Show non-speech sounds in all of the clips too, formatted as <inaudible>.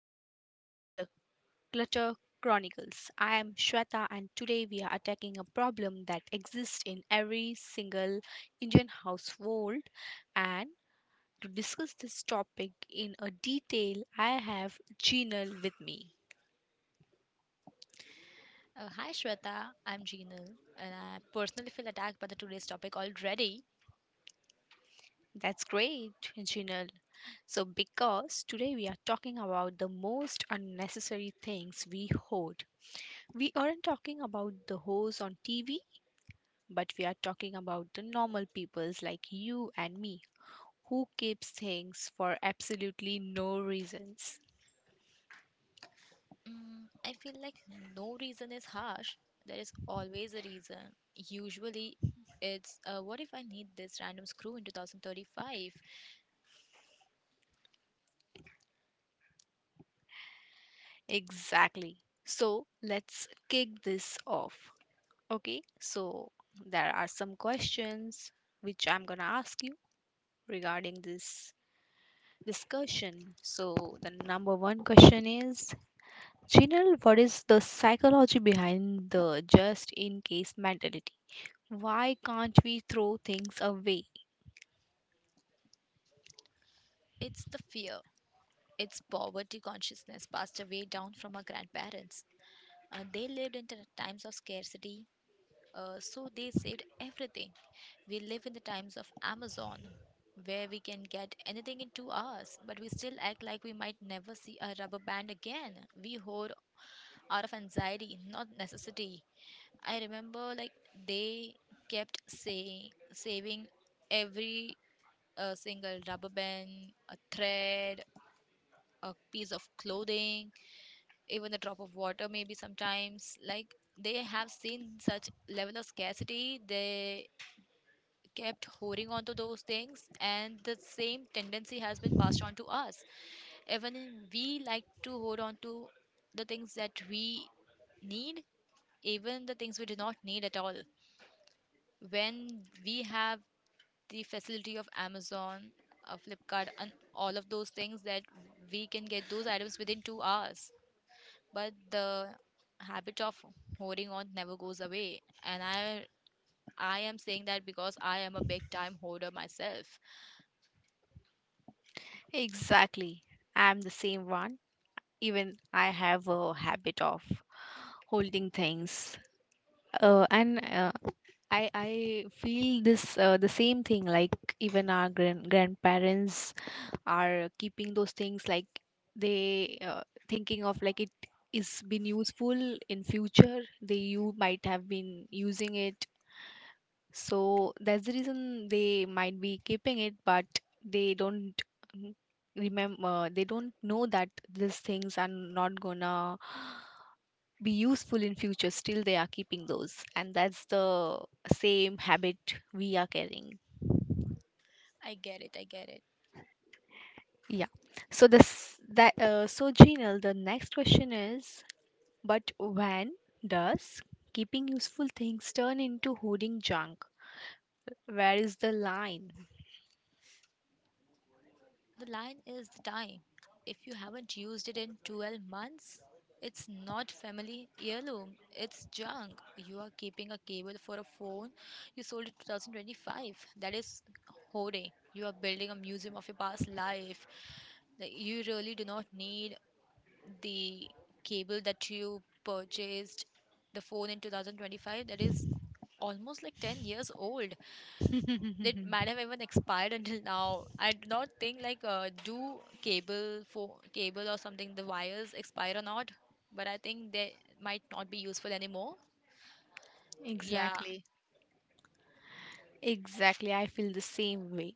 Welcome back to the Clutter Chronicles. I am Shweta, and today we are attacking a problem that exists in every single Indian household. And to discuss this topic in a detail, I have Jinal with me. Hi Shweta, I'm Jeenal, and I personally feel attacked by the today's topic already. That's great, Jinal. So, because today we are talking about the most unnecessary things we hoard. We aren't talking about the hose on TV, but we are talking about the normal peoples like you and me who keeps things for absolutely no reasons. I feel like no reason is harsh. There is always a reason. Usually, it's what if I need this random screw in 2035? Exactly. So let's kick this off. Okay, so there are some questions which I'm gonna ask you regarding this discussion. So the number one question is, General, what is the psychology behind the just in case mentality? Why can't we throw things away? It's the fear. It's poverty consciousness passed away down from our grandparents. They lived in times of scarcity. So they saved everything. We live in the times of Amazon, where we can get anything in 2 hours, but we still act like we might never see a rubber band again. We hoard out of anxiety, not necessity. I remember like they kept saying saving every single rubber band, a thread, a piece of clothing, even a drop of water maybe sometimes. Like, they have seen such level of scarcity, they kept holding on to those things, and the same tendency has been passed on to us. We like to hold on to the things that we need, even the things we do not need at all, when we have the facility of Amazon, Flipkart and all of those things, that we can get those items within 2 hours. But the habit of holding on never goes away, and I am saying that because I am a big time hoarder myself. Exactly. I'm the same one. Even I have a habit of holding things. And I feel this the same thing, like even our grandparents are keeping those things, like they thinking of like it is been useful in future, they you might have been using it, so that's the reason they might be keeping it, but they don't remember, they don't know that these things are not gonna be useful in future. Still, they are keeping those, and that's the same habit we are carrying. I get it. I get it. Yeah. So this that so Jinal, the next question is, but when does keeping useful things turn into hoarding junk? Where is the line? The line is the time. If you haven't used it in 12 months, it's not family heirloom, it's junk. You are keeping a cable for a phone you sold in 2025. That is hoarding. You are building a museum of your past life. Like, you really do not need the cable that you purchased, the phone in 2025 that is almost like 10 years old, that <laughs> might have even expired until now. I do not think like, do cable for cable or something, the wires expire or not, but I think they might not be useful anymore. Yeah, exactly. Exactly, I feel the same way.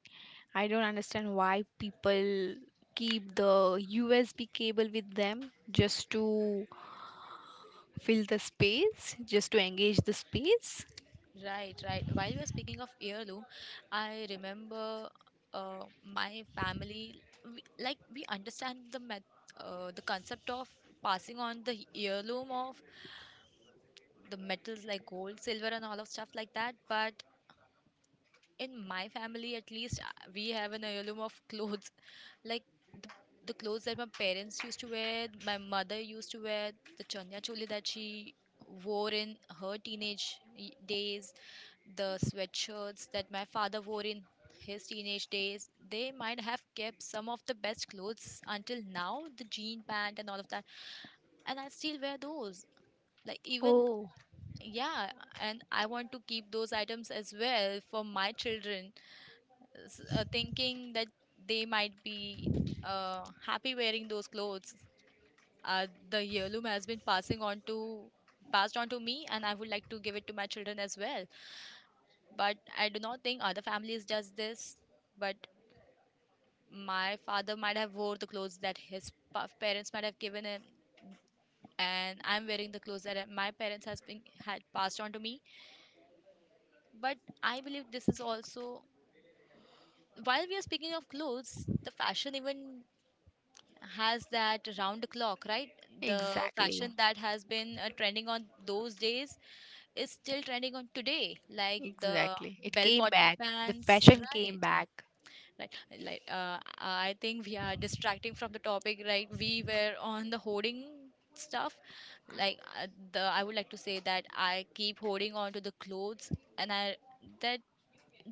I don't understand why people keep the USB cable with them just to fill the space, just to engage the space. right, right. While we are speaking of heirloom, I remember uh, my family, we understand the the concept of passing on the heirloom of the metals like gold, silver, and all of stuff like that, but in my family at least we have an heirloom of clothes <laughs> like the, the clothes that my parents used to wear, my mother used to wear the chanya choli that she wore in her teenage days, the sweatshirts that my father wore in his teenage days. They might have kept some of the best clothes until now, the jean pant and all of that, and I still wear those, like even, Oh, yeah. And I want to keep those items as well for my children, thinking that they might be happy wearing those clothes. The heirloom has been passing on to passed on to me, and I would like to give it to my children as well. But I do not think other families does this. But my father might have wore the clothes that his parents might have given him, and I'm wearing the clothes that my parents has been had passed on to me. But I believe this is also, while we are speaking of clothes, the fashion even has that round the clock, right? The exactly. fashion that has been trending on those days is still trending on today, like the Exactly. It bell came bottom back. The pants, fashion came right? back. Right. Like, I think we are distracting from the topic, right? We were on the hoarding stuff. Like, the I would like to say that I keep holding on to the clothes, and I that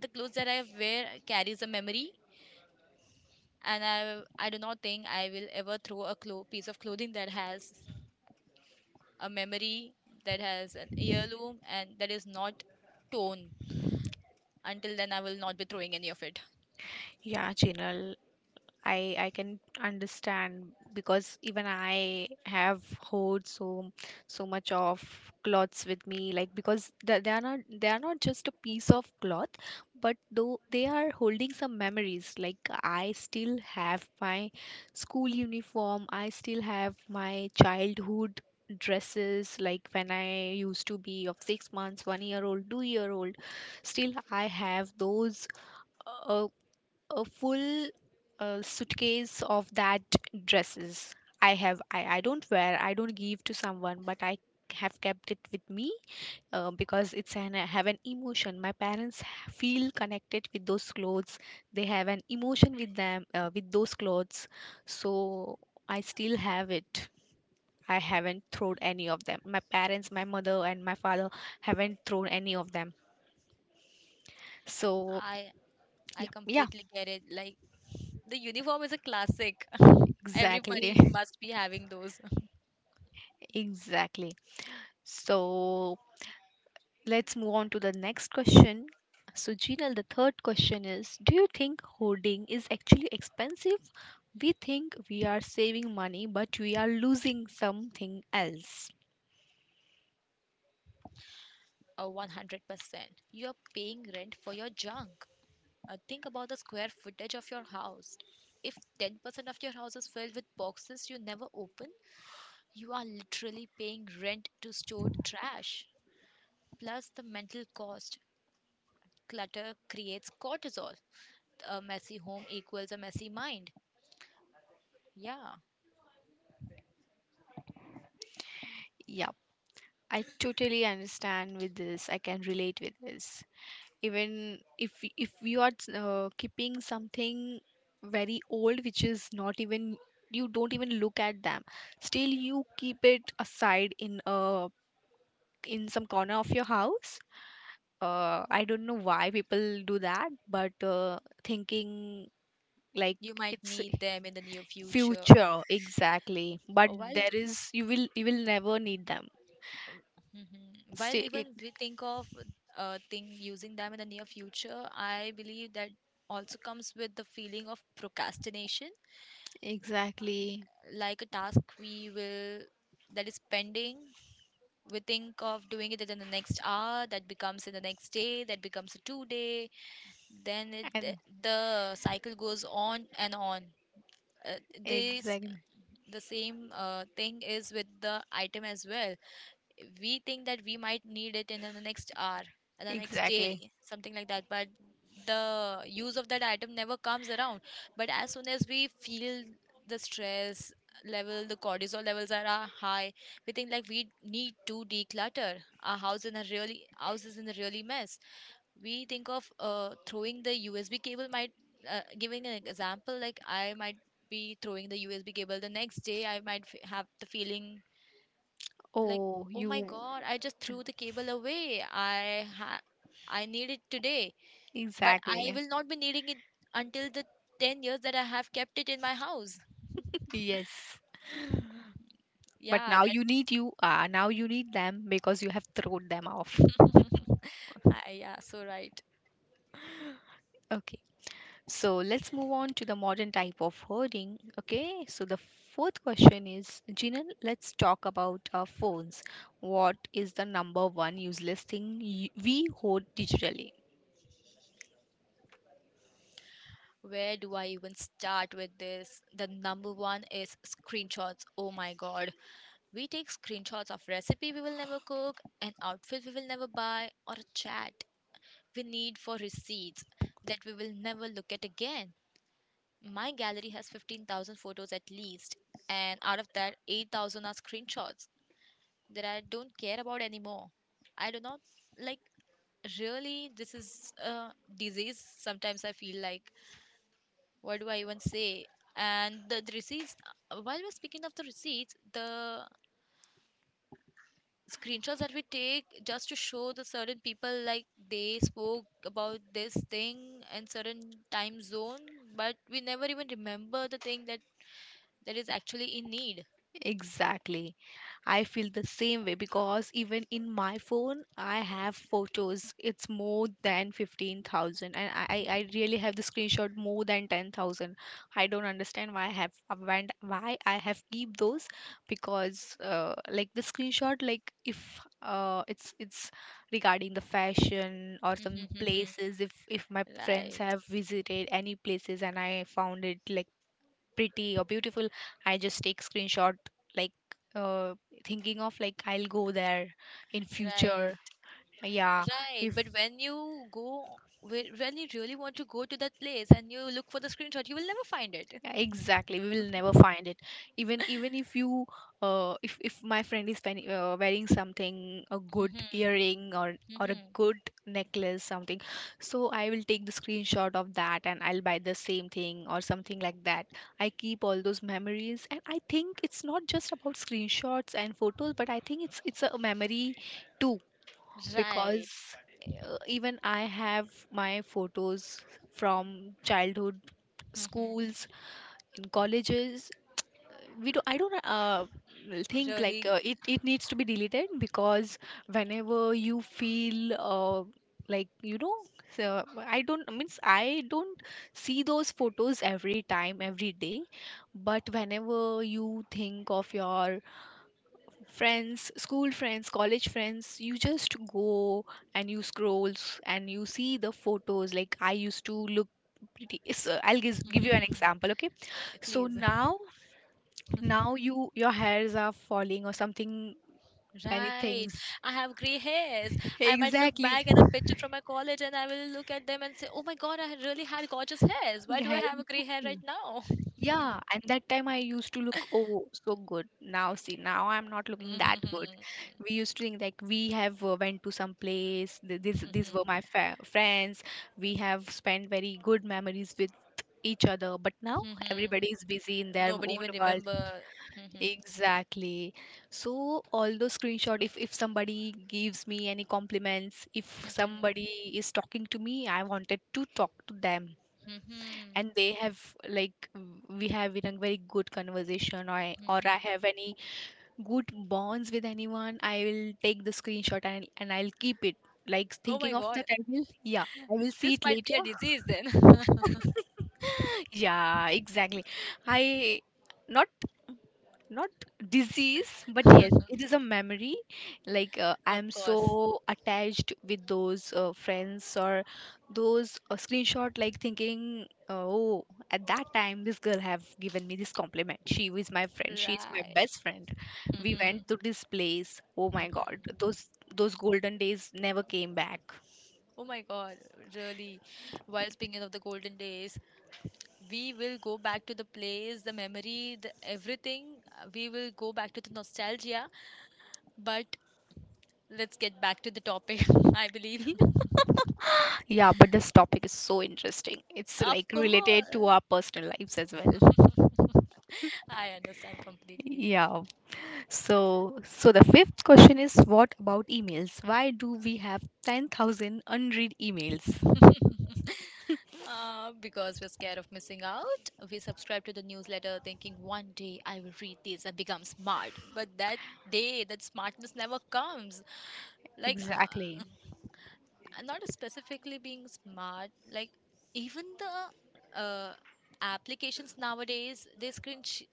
the clothes that I wear carries a memory, and I do not think I will ever throw a piece of clothing that has a memory, that has an heirloom, and that is not torn. Until then, I will not be throwing any of it. Yeah, Chinal. I can understand because even I have hoard so so much of clothes with me, like because they are not, they are not just a piece of cloth, but though they are holding some memories. Like I still have my school uniform, I still have my childhood dresses, like when I used to be of 6 months 1 year old 2-year old, still I have those uh, a full suitcase of that dresses I have. I don't wear, I don't give to someone, but I have kept it with me because it's an I have an emotion, my parents feel connected with those clothes, they have an emotion with them with those clothes. So I still have it, I haven't thrown any of them, my parents, my mother and my father haven't thrown any of them, so I I yeah, yeah, completely get it. Like, the uniform is a classic. <laughs> Everybody exactly. must be having those. <laughs> <laughs> Exactly. So let's move on to the next question. So, Jinal, the third question is, do you think hoarding is actually expensive? We think we are saving money, but we are losing something else. Oh, 100%. You are paying rent for your junk. Think about the square footage of your house. If 10% of your house is filled with boxes you never open, you are literally paying rent to store trash. Plus, the mental cost. Clutter creates cortisol. A messy home equals a messy mind. Yeah, Yep, I totally understand with this. I can relate with this. Even if if you are keeping something very old, which is not even, you don't even look at them, still you keep it aside in a in some corner of your house. I don't know why people do that, but thinking like you might it's need them in the near <laughs> future. future exactly. But While there is, you will, you will never need them. mhm. while Stay it even we think of thing using them in the near future, I believe that also comes with the feeling of procrastination, exactly, like a task we will that is pending, we think of doing it in the next hour, that becomes in the next day, that becomes a 2 day, the and the cycle goes on and on. Uh, this exactly The same thing is with the item as well. We think that we might need it in the next hour or the next exactly. day something like that, but the use of that item never comes around. But as soon as we feel the stress level, the cortisol levels are high, we think like we need to declutter our house, in a really mess. We think of throwing the USB cable, might, giving an example, like I might be throwing the USB cable the next day, I might have the feeling like, Oh, oh my you god, I just threw the cable away, I need it today. But I exactly will not be needing it until the 10 years that I have kept it in my house. yes. <sighs> But Yeah, now you need you. Now you need them because you have thrown them off. that. <laughs> Ah, yeah, so right. Okay. So let's move on to the modern type of hoarding. Okay, so the fourth question is, Jinan, let's talk about our phones. What is the number one useless thing we hoard digitally? Where do I even start with this? The number one is screenshots. Oh my god, we take screenshots of recipe we will never cook, an outfit we will never buy, or a chat we need for receipts that we will never look at again. My gallery has 15,000 photos at least, and out of that, 8,000 are screenshots that I don't care about anymore. I do not like, really, this is a disease. Sometimes I feel like, what do I even say? And the receipts, while we're speaking of the receipts, the screenshots that we take just to show the certain people, like they spoke about this thing and certain time zone, but we never even remember the thing that is actually in need. Exactly. I feel the same way because even in my phone, I have photos. It's more than 15,000, and I really have the screenshot more than 10,000. I don't understand why I have, when, why I have keep those, because like the screenshot, like if it's it's regarding the fashion or some places, <laughs> if my friends Right, have visited any places and I found it like pretty or beautiful, I just take screenshot, like uh, thinking of like I'll go there in future, right, yeah right. if. But when you go, when you really want to go to that place and you look for the screenshot, you will never find it. <laughs> Yeah, exactly, we will never find it. Even even if you if my friend is wearing something a good Mhm, earring or a mhm. good necklace something, so I will take the screenshot of that and I'll buy the same thing or something like that. I keep all those memories, and I think it's not just about screenshots and photos, but I think it's a memory too Right. because even I have my photos from childhood, Mhm. schools, in colleges. We do, I don't think like Really. It it needs to be deleted because whenever you feel like you know, so I don't means I don't see those photos every time every day, but whenever you think of your friends, school friends, college friends, you just go and you scrolls and you see the photos, like I used to look pretty. So I'll give you an example, okay? <laughs> So Please. now, now you, your hairs are falling or something, many Right. things. I have gray hairs. <laughs> I might look Exactly. back at the picture from my college and I will look at them and say, oh my God, I really had gorgeous hairs. Why do I Yeah, have a gray hair right exactly. now? Yeah, and that time I used to look oh so good, now see now I'm not <laughs> looking that Mhm, good. We used to think like we have went to some place, these mhm, these were my friends, we have spent very good memories with each other, but now mhm. everybody is busy in their Nobody own even world. remember. <laughs> Exactly. So all those screenshot, if somebody gives me any compliments, if Mhm. somebody is talking to me, I wanted to talk to them, Mhm. and they have, like we have in a very good conversation, or I Mhm. have any good bonds with anyone, I will take the screenshot and I'll keep it. Like Oh thinking my of that, god, I will, yeah, I will see this it might be later. a disease then. <laughs> <laughs> Yeah, exactly. I not not disease, but yes, it is a memory. Like I Of am course. so attached with those friends or those screenshot, like thinking, oh, at that time this girl have given me this compliment. She was my friend. She is my Right. best friend. We Mhm. went to this place. Oh my Mhm. God, those golden days never came back. Oh my god, really. While speaking of the golden days, we will go back to the place, the memory, the everything. We will go back to the nostalgia, but let's get back to the topic, <laughs> I believe. <laughs> <laughs> Yeah, but this topic is so interesting. It's Of like related to course. our personal lives as well. I understand completely. Yeah. So, so the fifth question is, what about emails? Why do we have 10,000 unread emails? Because we're scared of missing out, we subscribe to the newsletter thinking 1 day I will read this and become smart. But that day, that smartness never comes. Like, Exactly. I not specifically being smart, like, even the applications nowadays, they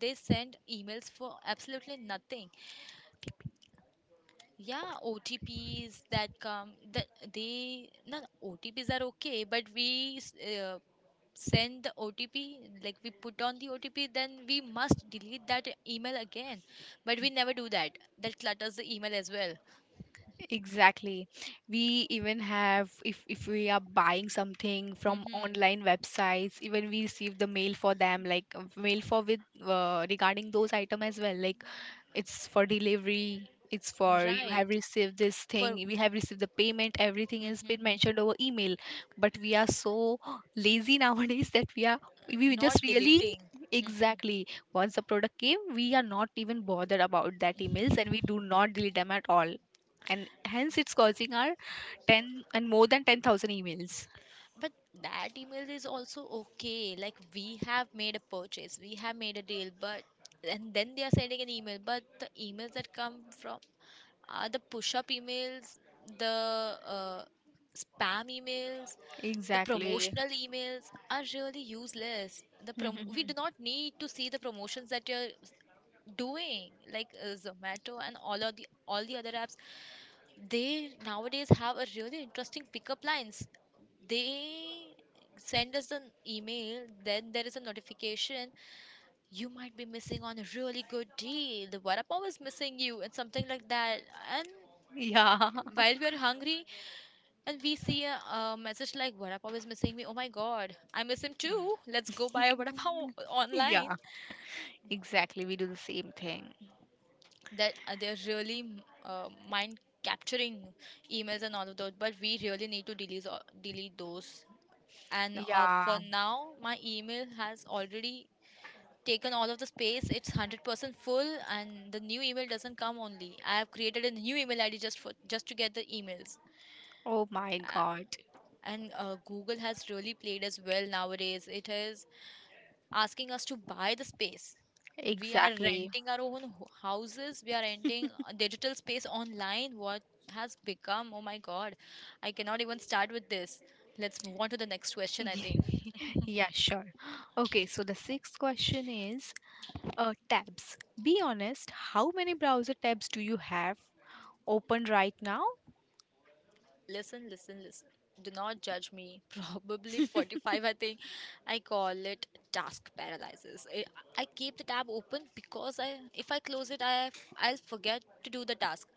they send emails for absolutely nothing. Yeah, OTPs that come that they, not OTPs are okay, but send the OTP, like we put on the OTP, then we must delete that email again. But we never do that. That clutters the email as well. Exactly. We even have, if we are buying something from Hmm. online websites, even we receive the mail for them, like mail for with regarding those item as well. Like it's for delivery, it's for you have Right. received this thing, For. we have received the payment, everything has Mhm, been mhm. mentioned over email. But we are so <gasps> lazy <laughs> nowadays that we are, we Not just really, deleting. Hmm. exactly, once the product came, we are not even bothered about that emails, and we do not delete them at all, and hence it's causing our 10 and more than 10,000 emails But that email is also okay, like we have made a purchase, we have made a deal. But and then they are sending an email. But the emails that come from are the push up emails, the spam emails, the exactly. promotional emails are really useless. The we do <laughs> not need to see the promotions that you're doing, like Zomato and all of the all the other apps, they nowadays have a really interesting pickup lines. They send us an email, then there is a notification. You might be missing on a really good deal. The vada pav is missing you, and something like that. And yeah while we are hungry, and we see a message like, vada pav is missing me. Oh my god, I miss him too. Let's go buy a vada pav <laughs> <laughs> online. yeah, exactly, we do the same thing, That They're really mind capturing emails and all of those, but we really need to delete those. And yeah. for now, my email has already taken all of the space. It's 100% full, and the new email doesn't come only. I have created a new email ID just to get the emails. Oh my God. A- And Google has really played as well nowadays. It is asking us to buy the space. We are Exactly. renting our own houses. We are renting a digital space online. What has become? Oh my God, I cannot even start with this. Let's move on to the next question, I think. <laughs> Yeah, sure. Okay, so the sixth question is tabs. Be honest, how many browser tabs do you have open right now? Listen, listen, listen. Do not judge me. <laughs> Probably 45, I think. I call it task paralysis. I keep the tab open because if I close it, I'll forget to do the task.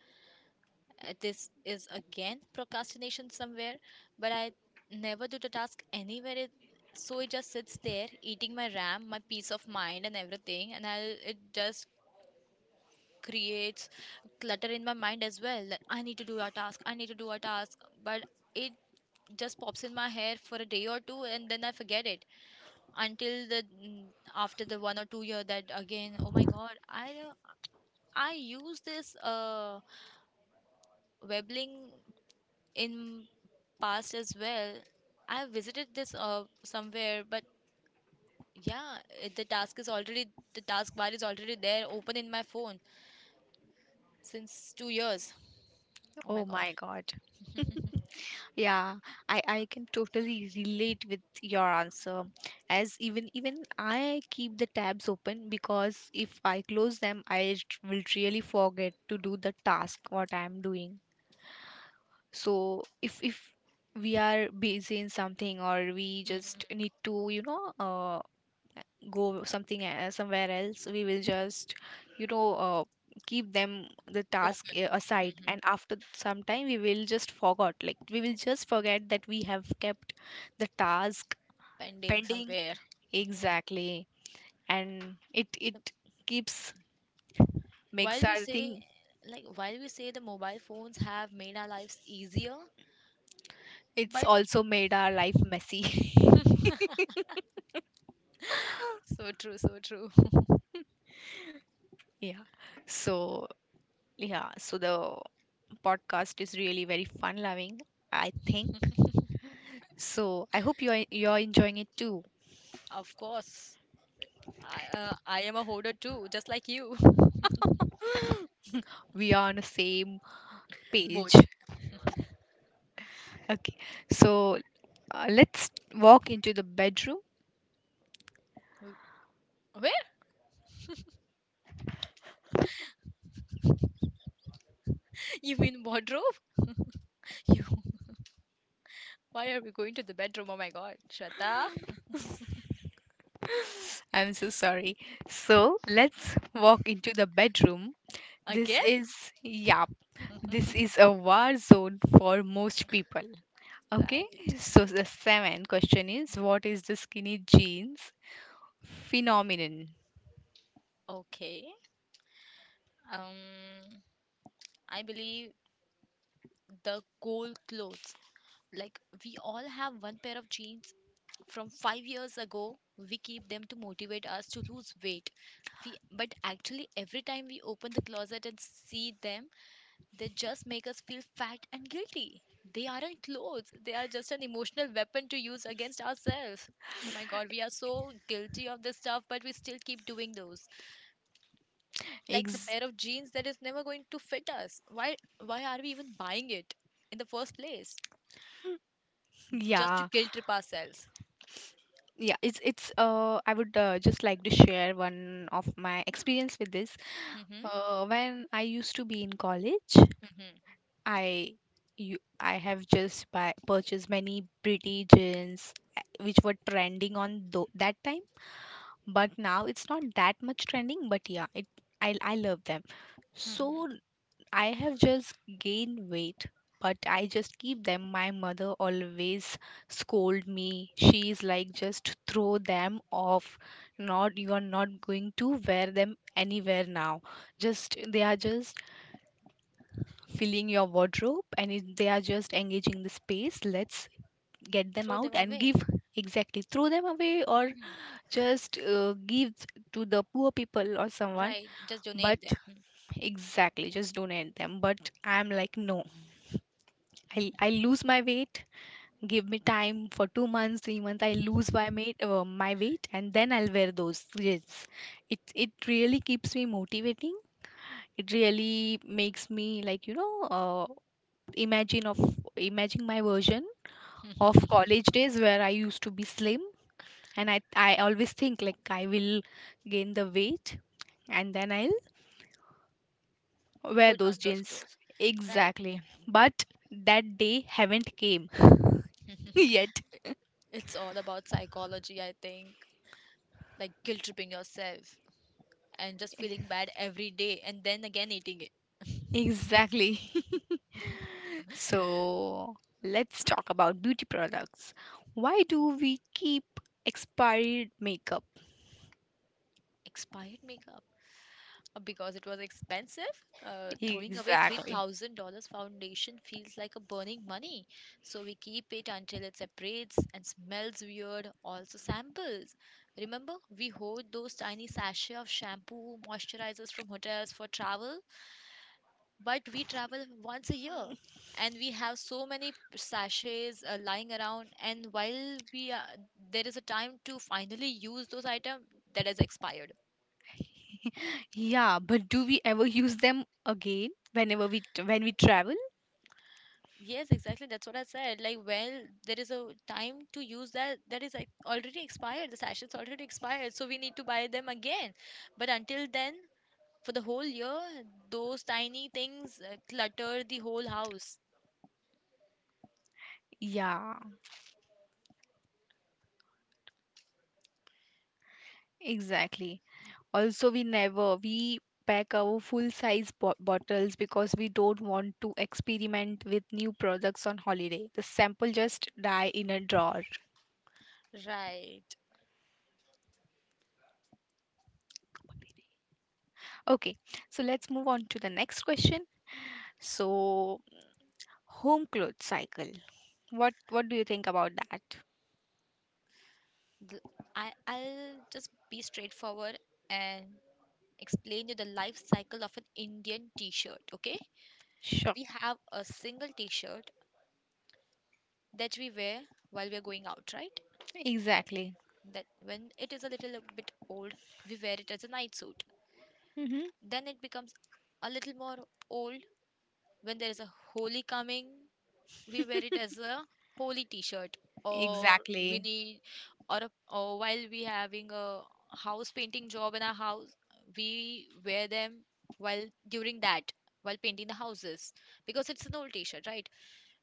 This is again procrastination somewhere, but I never do the task anywhere. So it just sits there, eating my RAM, my peace of mind, and everything, and it just creates clutter in my mind as well. That I need to do a task. I need to do a task, but it just pops in my hair for a day or two and then I forget it until after the 1 or 2 year that again, oh my god. I use this Webbling in past as well. I visited this somewhere but yeah, the task is already the task bar is already there open in my phone since 2 years. Oh my Oh god. my God. <laughs> Yeah, I can totally relate with your answer. As even even I keep the tabs open because if I close them, I will really forget to do the task what I am doing. So if we are busy in something or we just Hmm. need to you know go something somewhere else, we will just, you know, keep them the task Open. Aside, Hmm. and after some time we will just forgot, like we will just forget that we have kept the task Pending pending somewhere. Hmm. exactly. And it keeps, makes While we our thing, say, like, while we say the mobile phones have made our lives easier, it's but also made our life messy. <laughs> so true, so true. Yeah, so yeah, so the podcast is really very fun loving, I think. So I hope you're enjoying it too. Of course, I am a hoarder too, just like you. <laughs> We are on the same <laughs> Both. page. Okay, so let's walk into the bedroom. W- Where? You mean wardrobe? <laughs> You. Why are we going to the bedroom? Oh my God, Shweta, <laughs> I'm so sorry. So let's walk into the bedroom. This again? is, yeah, this is a war zone for most people. Okay, Right. so the seventh question is, what is the skinny jeans phenomenon? Okay. Um, I believe the gold clothes. Like, we all have one pair of jeans from 5 years ago. We keep them to motivate us to lose weight. But actually every time we open the closet and see them, they just make us feel fat and guilty. They aren't clothes, they are just an emotional weapon to use against ourselves. Oh my god, we are so guilty of this stuff but we still keep doing those. Like the Ex- pair of jeans that is never going to fit us, why are we even buying it in the first place, just to yeah, guilt trip ourselves. yeah. It's it's. I would just like to share one of my experience with this. Mm-hmm. When I used to be in college, Mm-hmm. I, you, I have just purchased many pretty jeans which were trending on that time. But now it's not that much trending. But yeah, it, I love them. Mm-hmm. So I have just gained weight, but I just keep them. My mother always scold me. She's like, just throw them off. Not, you are not going to wear them anywhere now. Just they are just filling your wardrobe, and they are just engaging the space. Let's get them Throw out them and away. give, exactly, throw them away, or Mhm. just give to the poor people or someone. Right, just But donate them. Mhm. exactly, just donate them, but I'm like no, I lose my weight. Give me time for 2 months, 3 months. I lose my mate, my weight, and then I'll wear those jeans. It really keeps me motivating. It really makes me like, you know, imagine of imagine my version of college days where I used to be slim, and I always think like I will gain the weight, and then I'll wear Put those on those jeans. clothes. Right. Exactly, but but that day haven't came <laughs> <laughs> yet. it's all about psychology, I think. Like guilt tripping yourself and just feeling bad every day and then again eating it. Exactly. <laughs> <laughs> So let's talk about beauty products. Why do we keep expired makeup? Expired makeup, because it was expensive. Throwing away Exactly. $3,000 foundation feels like a burning money. So we keep it until it separates and smells weird. Also samples. Remember, we hoard those tiny sachet of shampoo, moisturizers from hotels for travel, but we travel once a year. And we have so many sachets lying around, and there is a time to finally use those items that has expired. <laughs> Yeah, but do we ever use them again whenever we when we travel? Yes, exactly. That's what I said. Like, well, there is a time to use that that is like already expired. The sachets already expired, so we need to buy them again. But until then, for the whole year, those tiny things clutter the whole house. Yeah, exactly. Also, we never we pack our full size bottles because we don't want to experiment with new products on holiday. The sample just die in a drawer. Right. Okay, so let's move on to the next question. So, home clothes cycle. What do you think about that? The- I'll just be straightforward and explain you the life cycle of an Indian T-shirt. Okay, Sure. we have a single T-shirt that we wear while we're going out, right? Exactly. That when it is a little bit old, we wear it as a night suit. Mm-hmm. Then it becomes a little more old when there is a holy coming. We wear it as a holy T-shirt, or we Exactly. need, or while we having a house painting job in our house, we wear them while during that while painting the houses because it's an old T-shirt, right?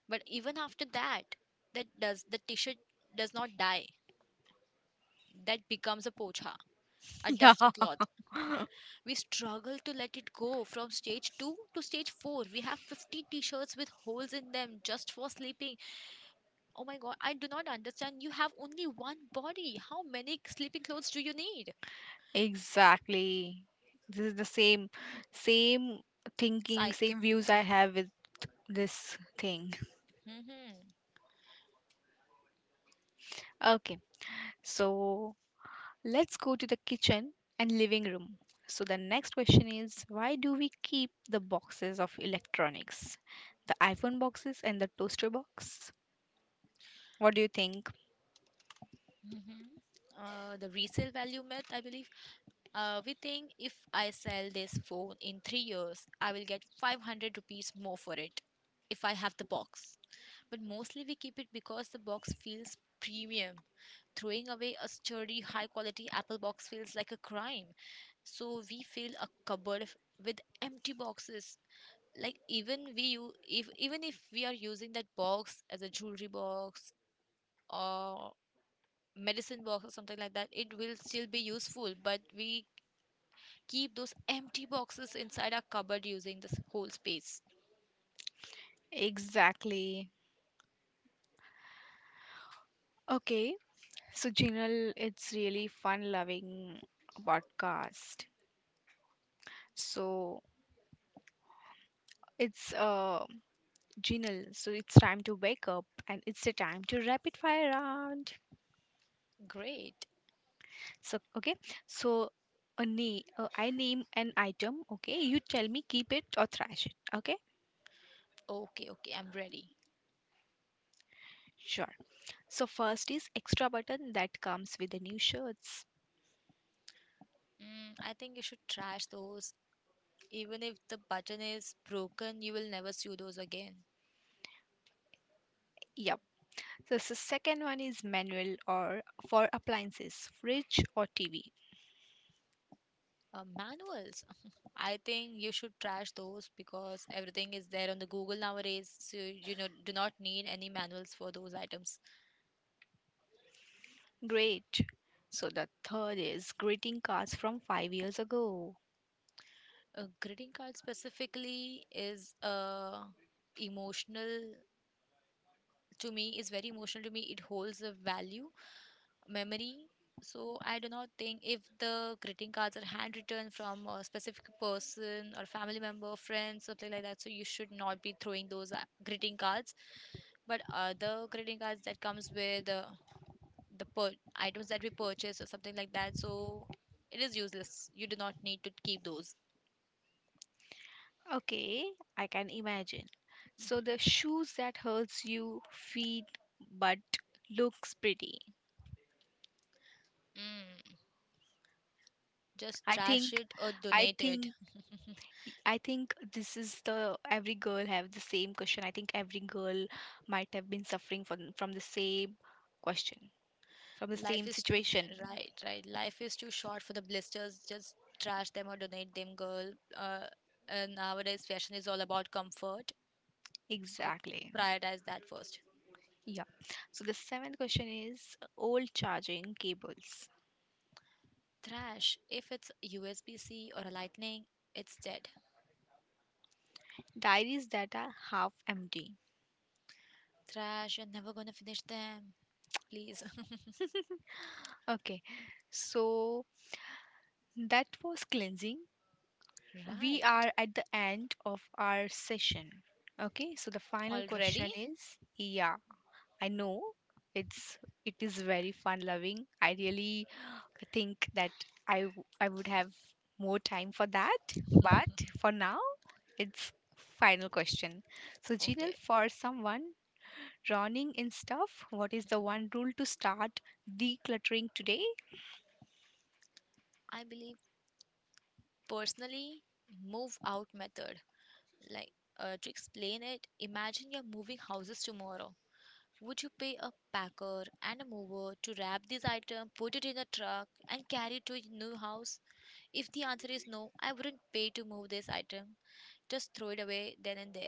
But even after that, that does the T-shirt does not die. That becomes a pocha, a <laughs> Yeah. dusting cloth. We struggle to let it go from stage 2 to stage 4. We have 50 t shirts with holes in them just for sleeping. Oh my god, I do not understand. You have only one body. How many sleeping clothes do you need? Exactly. This is the same same thinking, Psych. same views I have with this thing. Hmm. Okay. So let's go to the kitchen and living room. So, the next question is, why do we keep the boxes of electronics? The iPhone boxes and the toaster box? What do you think? The resale value myth, I believe. We think if I sell this phone in 3 years, I will get 500 rupees more for it if I have the box. But mostly we keep it because the box feels premium. Throwing away a sturdy, high quality apple box feels like a crime. So we fill a with empty boxes. Like even if we are using that box as a jewelry box or medicine box or something like that, it will still be useful. But we keep those empty boxes inside our cupboard using this whole space. Exactly. Okay. So, Jinal, it's really fun loving podcast. So, it's Jinal. So, it's time to wake up, and it's the time to rapid fire round. Great. So okay, so a name I name an item. Okay, you tell me keep it or trash it. Okay, Okay, okay, I'm ready. sure. So first is extra button that comes with the new shirts. Mm, I think you should trash those. Even if the button is broken, you will never sew those again. Yep. So, so second one is manual or for appliances, fridge or TV. Manuals. <laughs> I think you should trash those because everything is there on the Google nowadays. So you know, do not need any manuals for those items. Great. So the third is greeting cards from 5 years ago. A greeting card specifically is emotional to me. Is very emotional to me. It holds a value memory. So I do not think, if the greeting cards are handwritten from a specific person or family member, friends, something like that, so you should not be throwing those greeting cards. But other greeting cards that comes with the items that we purchase or something like that, so it is useless. You do not need to keep those. Okay, I can imagine. So Mhm. the shoes that hurts you feet but looks pretty. Mm, just I trash think, it or I donate it. think, I think this is the, every girl have the same question. I think every girl might have been suffering from the same question, from the Life same is situation. Right, right. Life is too short for the blisters. Just trash them or donate them, girl. Uh, and nowadays, fashion is all about comfort. So Exactly. prioritize that first. Yeah. So the seventh question is old charging cables, Trash. If it's USB C or a lightning, it's dead. diaries that are half empty. Trash. You're never gonna finish them. Please. <laughs> Okay. So that was cleansing. <laughs> We Right. are at the end of our session. Okay. So the final Already? question is, yeah. I know it's, it is very fun loving. I really think that I would have more time for that, but for now it's final question. So Okay. Jinal, for someone drowning in stuff, what is the one rule to start decluttering today? I believe personally, move out method. Like, to explain it, imagine you're moving houses tomorrow. Would you pay a packer and a mover to wrap this item, put it in a truck, and carry it to your new house? If the answer is no, I wouldn't pay to move this item. Just throw it away then and there.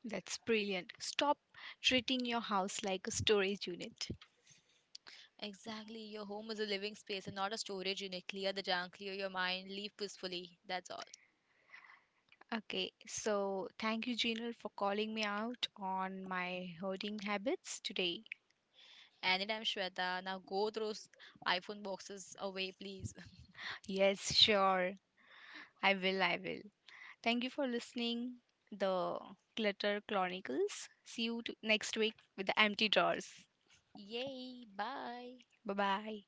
That's brilliant. Stop treating your house like a storage unit. Exactly, your home is a living space and not a storage unit. Clear the junk, clear your mind, leave peacefully. That's all. Okay, so thank you, Jinal, for calling me out on my hoarding habits today. Anytime, Shweta. Now go throw iPhone boxes away, please. Yes, sure. I will, I will. Thank you for listening. The Clutter Chronicles. See you next week with the empty drawers. <laughs> Yay, bye. Bye bye.